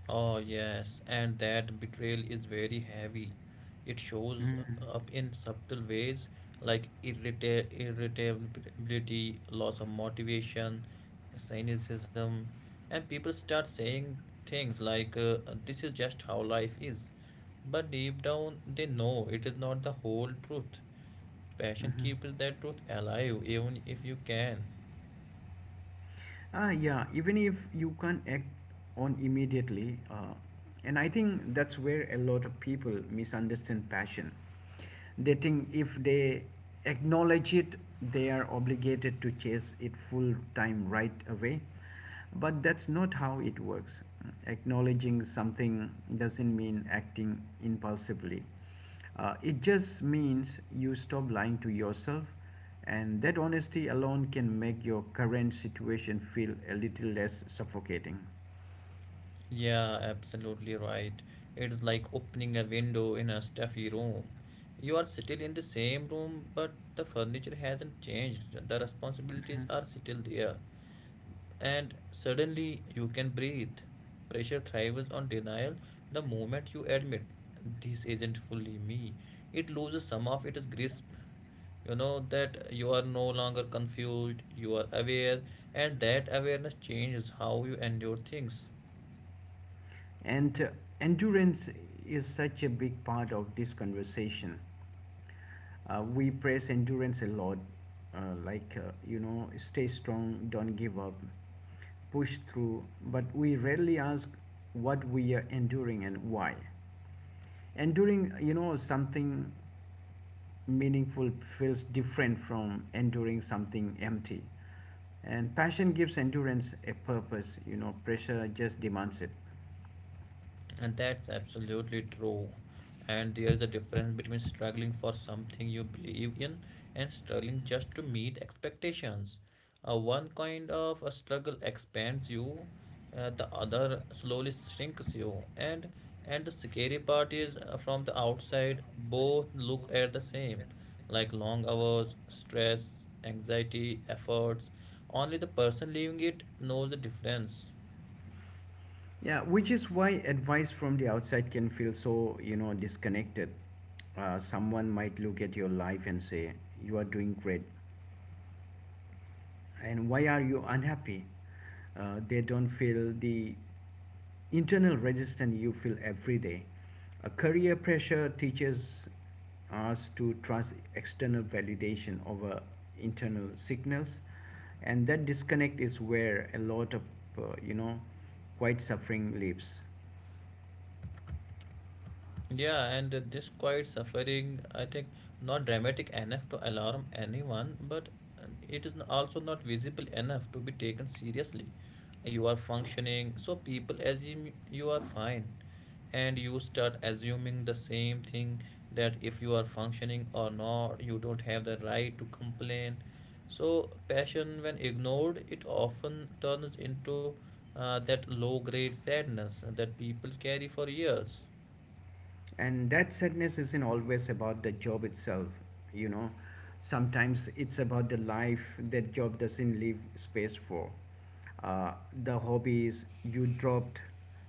Speaker 2: Oh, yes, and that betrayal is very heavy. It shows
Speaker 1: Mhm.
Speaker 2: up in subtle ways, like irrita- irritability, loss of motivation, cynicism, and people start saying things like, uh, this is just how life is. But deep down, they know it is not the whole truth. Passion
Speaker 1: Mhm.
Speaker 2: keeps that truth alive, even if you can.
Speaker 1: Ah, yeah, even if you can't act on immediately, uh, and I think that's where a lot of people misunderstand passion. They think if they acknowledge it, they are obligated to chase it full time right away. But that's not how it works. Acknowledging something doesn't mean acting impulsively. Uh, it just means you stop lying to yourself, and that honesty alone can make your current situation feel a little less suffocating.
Speaker 2: Yeah, absolutely right. It's like opening a window in a stuffy room. You are still in the same room, but the furniture hasn't changed. The responsibilities
Speaker 1: Mhm.
Speaker 2: are still there. And suddenly you can breathe. Pressure thrives on denial the moment you admit this isn't fully me. It loses some of its grasp. You know that you are no longer confused, you are aware, and that awareness changes how you endure things.
Speaker 1: And uh, endurance is such a big part of this conversation. Uh, we praise endurance a lot, uh, like, uh, you know, stay strong, don't give up, push through, but we rarely ask what we are enduring and why. Enduring, you know, something meaningful feels different from enduring something empty. And passion gives endurance a purpose, you know, pressure just demands it.
Speaker 2: And that's absolutely true. And there is a difference between struggling for something you believe in and struggling just to meet expectations. Uh, one kind of a struggle expands you, uh, the other slowly shrinks you. And and the scary part is uh, from the outside, both look at the same, like long hours, stress, anxiety, efforts. Only the person living it knows the difference.
Speaker 1: Yeah, which is why advice from the outside can feel so, you know, disconnected. Uh, someone might look at your life and say, "You are doing great, and why are you unhappy?" Uh, they don't feel the internal resistance you feel every day. A career pressure teaches us to trust external validation over internal signals, and that disconnect is where a lot of uh, you know quiet suffering lives.
Speaker 2: Yeah, and uh, this quiet suffering, I think, not dramatic enough to alarm anyone, but uh, it is n- also not visible enough to be taken seriously. You are functioning, so people assume you are fine, and you start assuming the same thing, that if you are functioning or not, you don't have the right to complain. So, passion, when ignored, it often turns into uh, that low grade sadness that people carry for years.
Speaker 1: And that sadness isn't always about the job itself. you know Sometimes it's about the life that job doesn't leave space for: uh, the hobbies you dropped,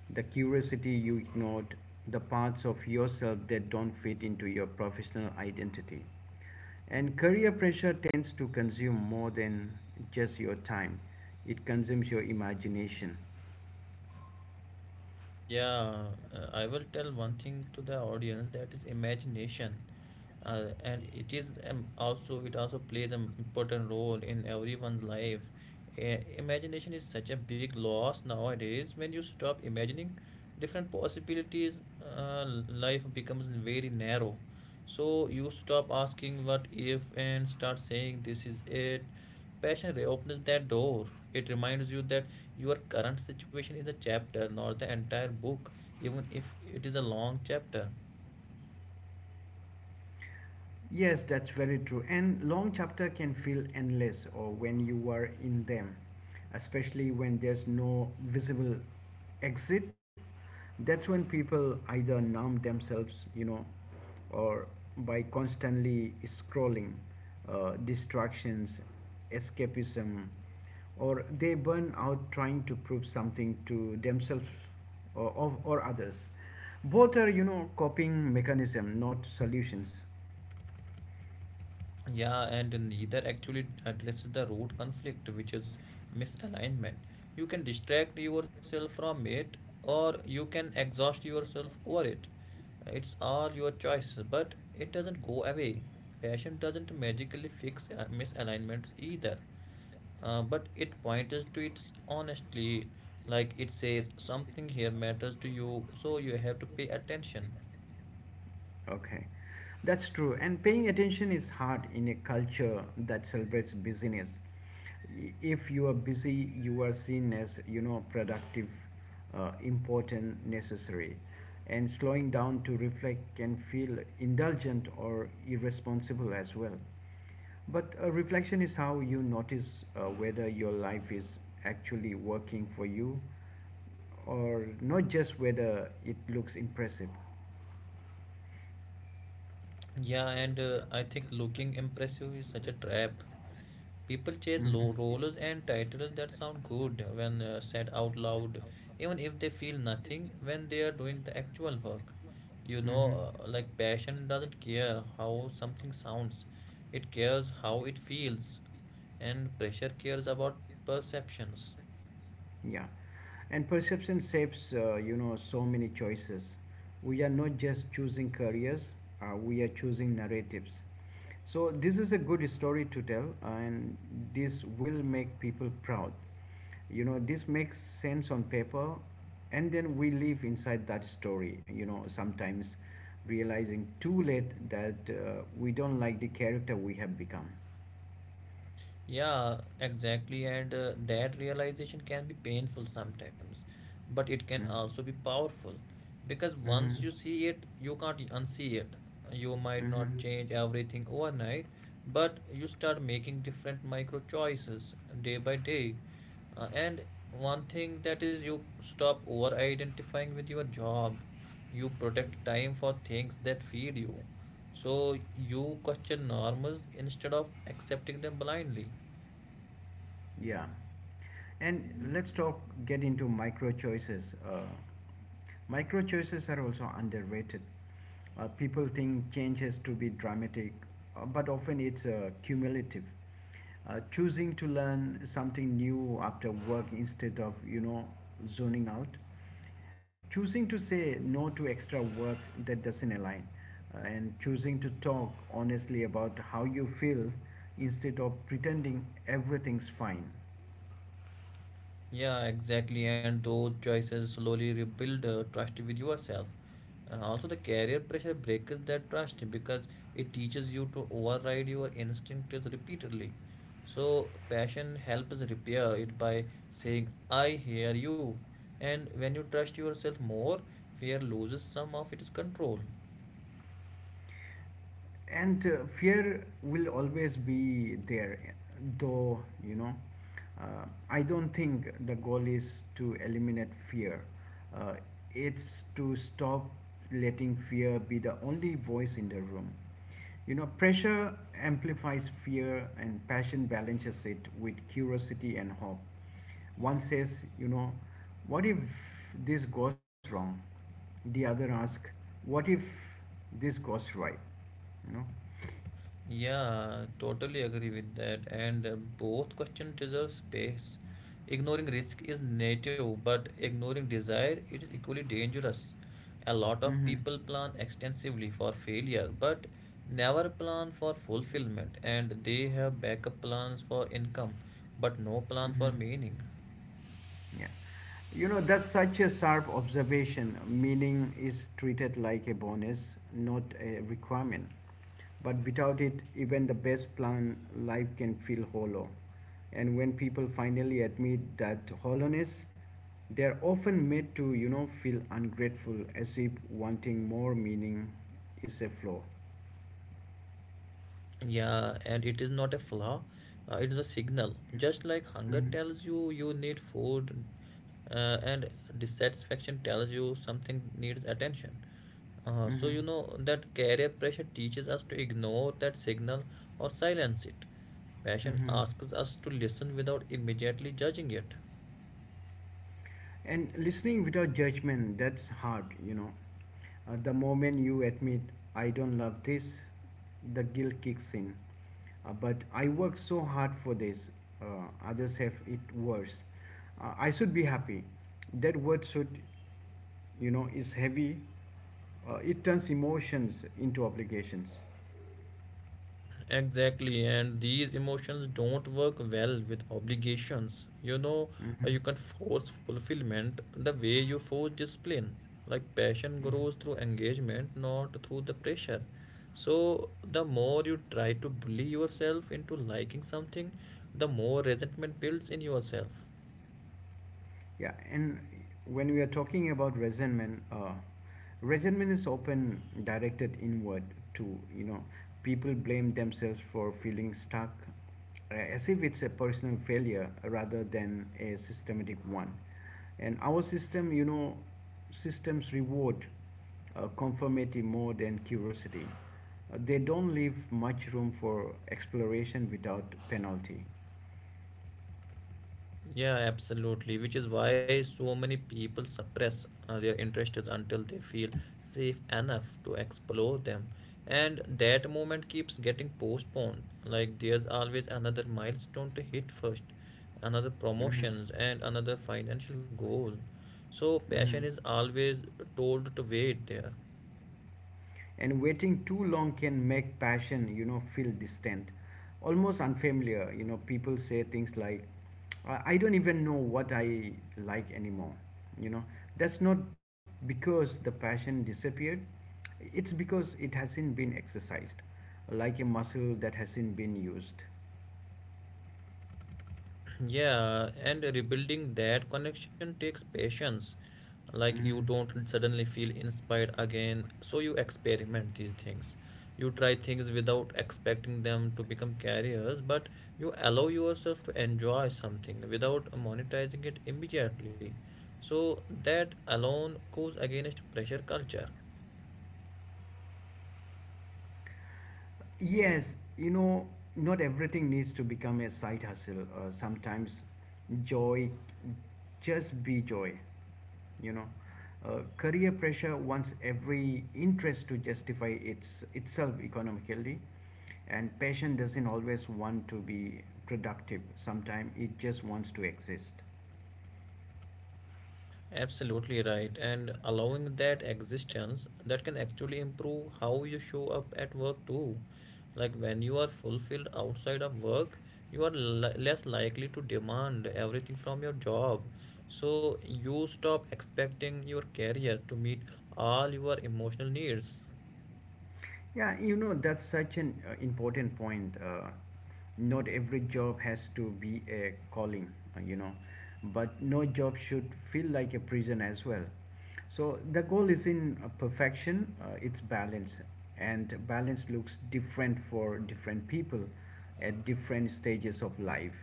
Speaker 1: the curiosity you ignored, the parts of yourself that don't fit into your professional identity. And career pressure tends to consume more than just your time. It consumes your imagination.
Speaker 2: Yeah, uh, I will tell one thing to the audience, that is imagination, uh, and it is um, also it also plays an important role in everyone's life. I- imagination is such a big loss nowadays. When you stop imagining different possibilities, uh, life becomes very narrow. So you stop asking what if and start saying this is it. Passion reopens that door. It reminds you that your current situation is a chapter, not the entire book, even if it is a long chapter.
Speaker 1: Yes, that's very true. And long chapter can feel endless or when you are in them, especially when there's no visible exit. That's when people either numb themselves, you know, or by constantly scrolling, uh, distractions, escapism, or they burn out trying to prove something to themselves or, or, or others. Both are, you know, coping mechanism, not solutions.
Speaker 2: Yeah, and neither actually addresses the root conflict, which is misalignment. You can distract yourself from it, or you can exhaust yourself over it. It's all your choice, but it doesn't go away. Passion doesn't magically fix uh, misalignments either, uh, but it points to its honestly, like it says something here matters to you, so you have to pay attention.
Speaker 1: Okay, that's true. And paying attention is hard in a culture that celebrates busyness. I- If you are busy, you are seen as, you know, productive, uh, important, necessary. And slowing down to reflect can feel indulgent or irresponsible as well. But uh, reflection is how you notice uh, whether your life is actually working for you or not, just whether it looks impressive.
Speaker 2: Yeah, and uh, I think looking impressive is such a trap. People chase low rollers and titles that sound good when uh, said out loud, even if they feel nothing when they are doing the actual work. You
Speaker 1: Mhm. Mhm.
Speaker 2: know, uh, like passion doesn't care how something sounds, it cares how it feels, and pressure cares about perceptions.
Speaker 1: Yeah, and perception shapes, uh, you know, so many choices. We are not just choosing careers; uh, we are choosing narratives. So this is a good story to tell, and this will make people proud. You know, this makes sense on paper, and then we live inside that story. You know, sometimes realizing too late that uh, we don't like the character we have become.
Speaker 2: Yeah, exactly. And uh, that realization can be painful sometimes, but it can
Speaker 1: Hmm?
Speaker 2: also be powerful because once
Speaker 1: Mm-hmm.
Speaker 2: you see it, you can't unsee it. You might not
Speaker 1: Mm-hmm.
Speaker 2: change everything overnight, but you start making different micro choices day by day. Uh, and one thing that is, you stop over identifying with your job, you protect time for things that feed you. So you question norms instead of accepting them blindly.
Speaker 1: Yeah. And let's talk, get into micro choices. Uh, micro choices are also underrated. Uh, people think change has to be dramatic, uh, but often it's uh, cumulative. Uh, choosing to learn something new after work instead of, you know, zoning out, choosing to say no to extra work that doesn't align, uh, and choosing to talk honestly about how you feel instead of pretending everything's fine.
Speaker 2: Yeah, exactly. And those choices slowly rebuild uh, trust with yourself. Uh, also, the career pressure breaks that trust because it teaches you to override your instincts repeatedly. So, passion helps repair it by saying, I hear you. And when you trust yourself more, fear loses some of its control.
Speaker 1: And uh, fear will always be there though. you know uh, i don't think the goal is to eliminate fear, uh, it's to stop letting fear be the only voice in the room. You know, pressure amplifies fear, and passion balances it with curiosity and hope. One says, you know, what if this goes wrong? The other asks, what if this goes right? You know?
Speaker 2: Yeah, totally agree with that. And uh, both questions deserve space. Ignoring risk is native, but ignoring desire it is equally dangerous. A lot of
Speaker 1: Mm-hmm.
Speaker 2: people plan extensively for failure, but never plan for fulfillment, and they have backup plans for income, but no plan
Speaker 1: Mm-hmm.
Speaker 2: for meaning.
Speaker 1: Yeah. You know, that's such a sharp observation. Meaning is treated like a bonus, not a requirement. But without it, even the best plan, life can feel hollow. And when people finally admit that hollowness, they're often made to, you know, feel ungrateful, as if wanting more meaning is a flaw.
Speaker 2: Yeah, and it is not a flaw, uh, it is a signal. Just like hunger
Speaker 1: Mm-hmm.
Speaker 2: tells you you need food, uh, and dissatisfaction tells you something needs attention. Uh, so,
Speaker 1: Mm-hmm.
Speaker 2: you know that career pressure teaches us to ignore that signal or silence it. Passion
Speaker 1: Mm-hmm.
Speaker 2: asks us to listen without immediately judging it.
Speaker 1: And listening without judgment, that's hard, you know. Uh, the moment you admit, I don't love this, the guilt kicks in. Uh, but I worked so hard for this, uh, others have it worse. Uh, I should be happy. That word should, you know, is heavy. Uh, it turns emotions into obligations.
Speaker 2: Exactly, and these emotions don't work well with obligations. You know, uh,
Speaker 1: Mhm.
Speaker 2: you can force fulfillment the way you force discipline. Like passion
Speaker 1: Mhm.
Speaker 2: grows through engagement, not through the pressure. So, the more you try to bully yourself into liking something, the more resentment builds in yourself.
Speaker 1: Yeah, and when we are talking about resentment, uh, resentment is often directed inward. To, you know, people blame themselves for feeling stuck, uh, as if it's a personal failure rather than a systematic one. And our system, you know, systems reward uh, conformity more than curiosity. Uh, they don't leave much room for exploration without penalty.
Speaker 2: Yeah, absolutely. Which is why so many people suppress uh, their interests until they feel safe enough to explore them. And that moment keeps getting postponed. Like there's always another milestone to hit first, another
Speaker 1: Hmm.
Speaker 2: promotions, and another financial goal. So passion
Speaker 1: Hmm.
Speaker 2: is always told to wait there.
Speaker 1: And waiting too long can make passion, you know, feel distant, almost unfamiliar. You know, people say things like, i I don't even know what I like anymore, you know. That's not because the passion disappeared, it's because it hasn't been exercised, like a muscle that hasn't been used.
Speaker 2: Yeah, and rebuilding that connection takes patience. Like you
Speaker 1: Mhm.
Speaker 2: don't suddenly feel inspired again, so you experiment these things. You try things without expecting them to become careers, but you allow yourself to enjoy something without monetizing it immediately. So that alone goes against pressure culture.
Speaker 1: Yes, you know, not everything needs to become a side hustle. Uh, sometimes joy, just be joy, you know. Uh, career pressure wants every interest to justify its itself economically, and passion doesn't always want to be productive. Sometimes it just wants to exist.
Speaker 2: Absolutely right. And allowing that existence that can actually improve how you show up at work too. Like when you are fulfilled outside of work, you are li- less likely to demand everything from your job. So you stop expecting your career to meet all your emotional needs.
Speaker 1: Yeah, you know, that's such an uh, important point. Uh, not every job has to be a calling, uh, you know, but no job should feel like a prison as well. So the goal is in uh, perfection, uh, it's balance, and balance looks different for different people at different stages of life.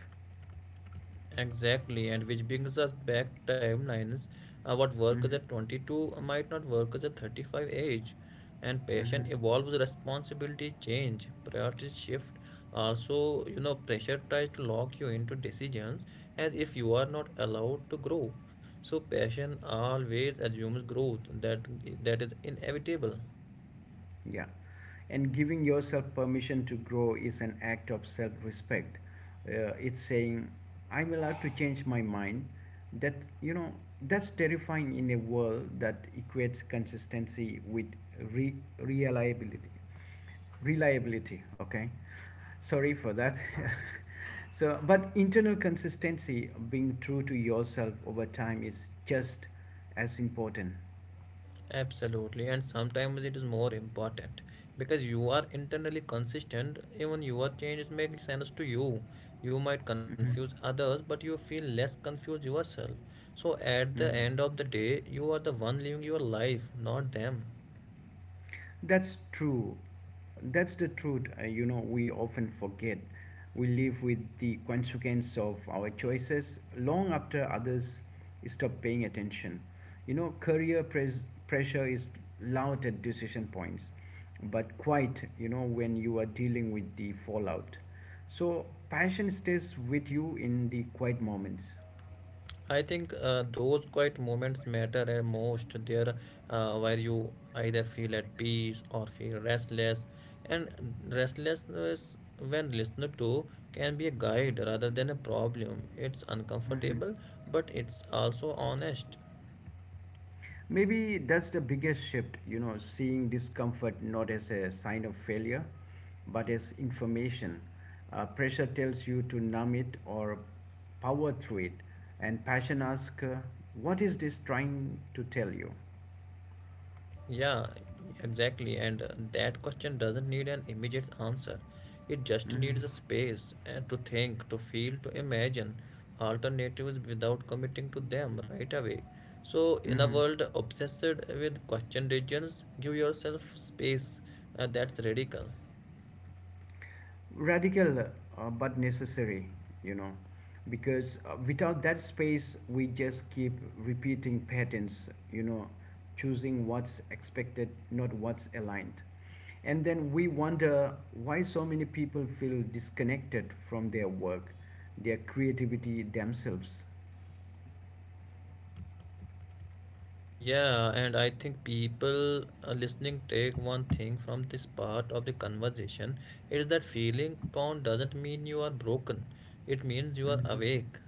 Speaker 2: Exactly, and which brings us back timelines. Uh, what works
Speaker 1: Hmm.
Speaker 2: at twenty-two might not work at thirty-five age, and passion
Speaker 1: Hmm.
Speaker 2: evolves, responsibility change, priorities shift. Also, you know, pressure tries to lock you into decisions as if you are not allowed to grow. So, passion always assumes growth that that is inevitable.
Speaker 1: Yeah. And giving yourself permission to grow is an act of self respect. Uh, it's saying, I'm allowed to change my mind. That, you know, that's terrifying in a world that equates consistency with re- reliability. Reliability, okay? Sorry for that. So, but internal consistency, being true to yourself over time, is just as important.
Speaker 2: Absolutely, and sometimes it is more important because you are internally consistent, even your changes make sense to you. You might
Speaker 1: Hmm.
Speaker 2: confuse others, but you feel less confused yourself. So, at the
Speaker 1: Hmm.
Speaker 2: end of the day, you are the one living your life, not them.
Speaker 1: That's true. That's the truth. Uh, you know, we often forget. We live with the consequence of our choices long after others stop paying attention. You know, career pres- pressure is loud at decision points, but quiet, you know, when you are dealing with the fallout. So, passion stays with you in the quiet moments.
Speaker 2: I think uh, those quiet moments matter the most. There, uh, where you either feel at peace or feel restless, and restlessness, when listened to, can be a guide rather than a problem. It's uncomfortable, but it's also honest.
Speaker 1: Maybe that's the biggest shift, you know, seeing discomfort not as a sign of failure, but as information. Uh, pressure tells you to numb it or power through it, and passion asks, uh, what is this trying to tell you?
Speaker 2: Yeah, exactly. And uh, that question doesn't need an immediate answer. It just
Speaker 1: Hmm.
Speaker 2: needs a space uh, to think, to feel, to imagine alternatives without committing to them right away. So, in a
Speaker 1: Hmm.
Speaker 2: world obsessed with question regions, give yourself space. Uh, that's radical.
Speaker 1: Radical, uh, but necessary, you know, because uh, without that space we just keep repeating patterns, you know, choosing what's expected, not what's aligned. And then we wonder why so many people feel disconnected from their work, their creativity, themselves.
Speaker 2: Yeah, and I think people uh, listening take one thing from this part of the conversation. It is that feeling torn doesn't mean you are broken. It means you are
Speaker 1: Mhm.
Speaker 2: awake.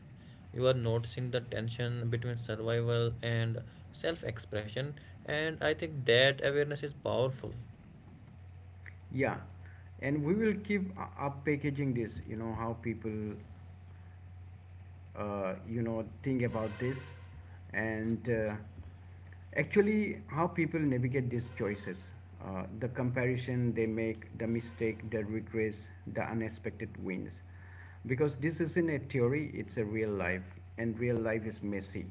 Speaker 2: You are noticing the tension between survival and self-expression, and I think that awareness is powerful.
Speaker 1: Yeah, and we will keep u- up packaging this, you know, how people uh, you know think about this, and uh, actually how people navigate these choices, uh, the comparison they make, the mistake, the regrets, the unexpected wins. Because this isn't a theory, it's a real life, and real life is messy,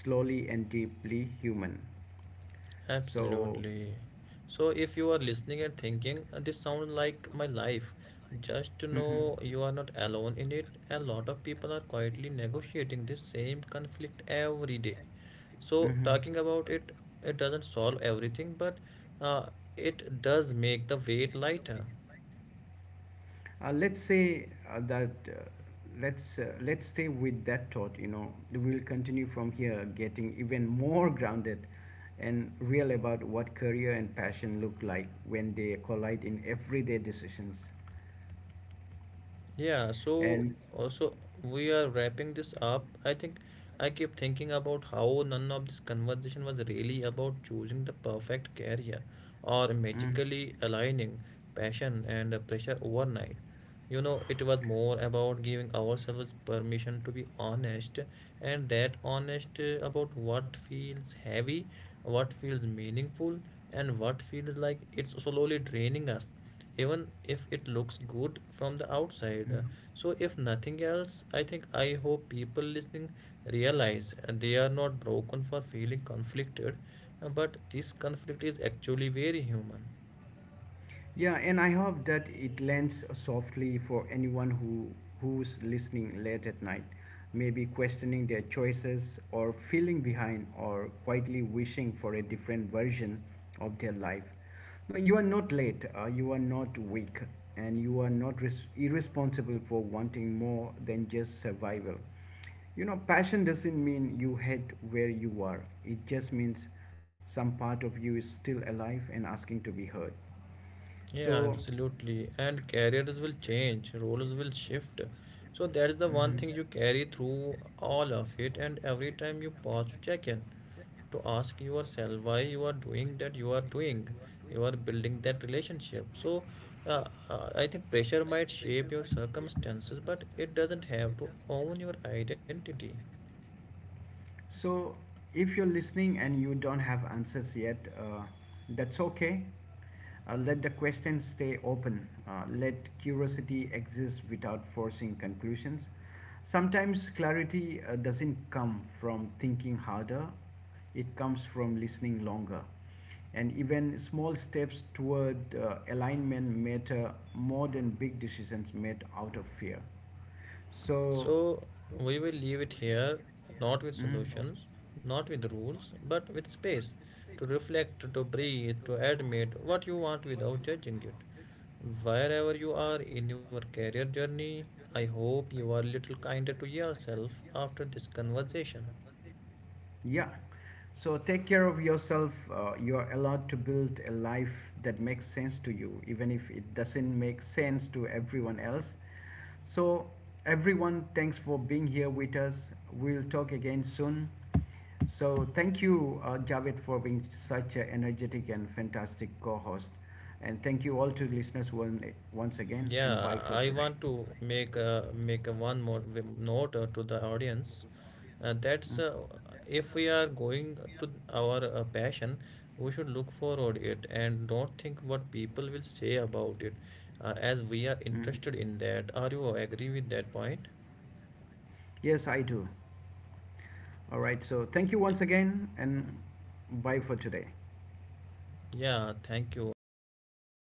Speaker 1: slowly and deeply human. So.
Speaker 2: Absolutely. So if you are listening and thinking, "Uh, this sounds like my life, just to
Speaker 1: Mhm.
Speaker 2: know you are not alone in it. A lot of people are quietly negotiating this same conflict every day. So
Speaker 1: Mhm.
Speaker 2: talking about it, it doesn't solve everything, but uh, it does make the weight lighter.
Speaker 1: Uh, let's say uh, that uh, let's uh, let's stay with that thought. You know, we'll continue from here, getting even more grounded and real about what career and passion look like when they collide in everyday decisions.
Speaker 2: Yeah, so
Speaker 1: And
Speaker 2: also we are wrapping this up. I think I keep thinking about how none of this conversation was really about choosing the perfect career or
Speaker 1: mm,
Speaker 2: magically aligning passion and pressure overnight. You know, it was more about giving ourselves permission to be honest and that honest uh, about what feels heavy, what feels meaningful, and what feels like it's slowly draining us even if it looks good from the outside.
Speaker 1: mm.
Speaker 2: So, if nothing else, I think I hope people listening realize uh, they are not broken for feeling conflicted, uh, but this conflict is actually very human.
Speaker 1: Yeah, and I hope that it lands softly for anyone who who's listening late at night, maybe questioning their choices or feeling behind or quietly wishing for a different version of their life. No, you are not late. Uh, you are not weak, and you are not res- irresponsible for wanting more than just survival. You know, passion doesn't mean you hate where you are. It just means some part of you is still alive and asking to be heard.
Speaker 2: Yeah,
Speaker 1: So,
Speaker 2: absolutely. And careers will change, roles will shift. So, that's the one
Speaker 1: mhm.
Speaker 2: thing you carry through all of it, and every time you pause to check in, to ask yourself why you are doing that you are doing, you are building that relationship. So uh, uh, I think pressure might shape your circumstances, but it doesn't have to own your identity.
Speaker 1: So if you're listening and you don't have answers yet, uh, that's okay. Uh, let the questions stay open. Uh, let curiosity exist without forcing conclusions. Sometimes clarity uh, doesn't come from thinking harder, it comes from listening longer. And even small steps toward uh, alignment matter more than big decisions made out of fear.
Speaker 2: So
Speaker 1: So.
Speaker 2: we will leave it here, not with
Speaker 1: Mm.
Speaker 2: solutions, not with rules, but with space to reflect, to breathe, to admit what you want without judging it. Wherever you are in your career journey, I hope you are a little kinder to yourself after this conversation.
Speaker 1: Yeah. So take care of yourself. Uh, you're allowed to build a life that makes sense to you, even if it doesn't make sense to everyone else. So, everyone, thanks for being here with us. We'll talk again soon. So, thank you, uh, Javed, for being such an energetic and fantastic co host. And thank you all to listeners one, once again, and
Speaker 2: Yeah,
Speaker 1: bye for
Speaker 2: I
Speaker 1: today.
Speaker 2: want to make uh, make a one more w- note uh, to the audience. Uh,
Speaker 1: Mm,
Speaker 2: that's uh, If we are going to our uh, passion, we should look forward it and don't think what people will say about it, uh, as we are
Speaker 1: mhm.
Speaker 2: interested in that. Are you agree with that point?
Speaker 1: Yes, I do. All right, so thank you once again and bye for today.
Speaker 2: Yeah, thank you. And until next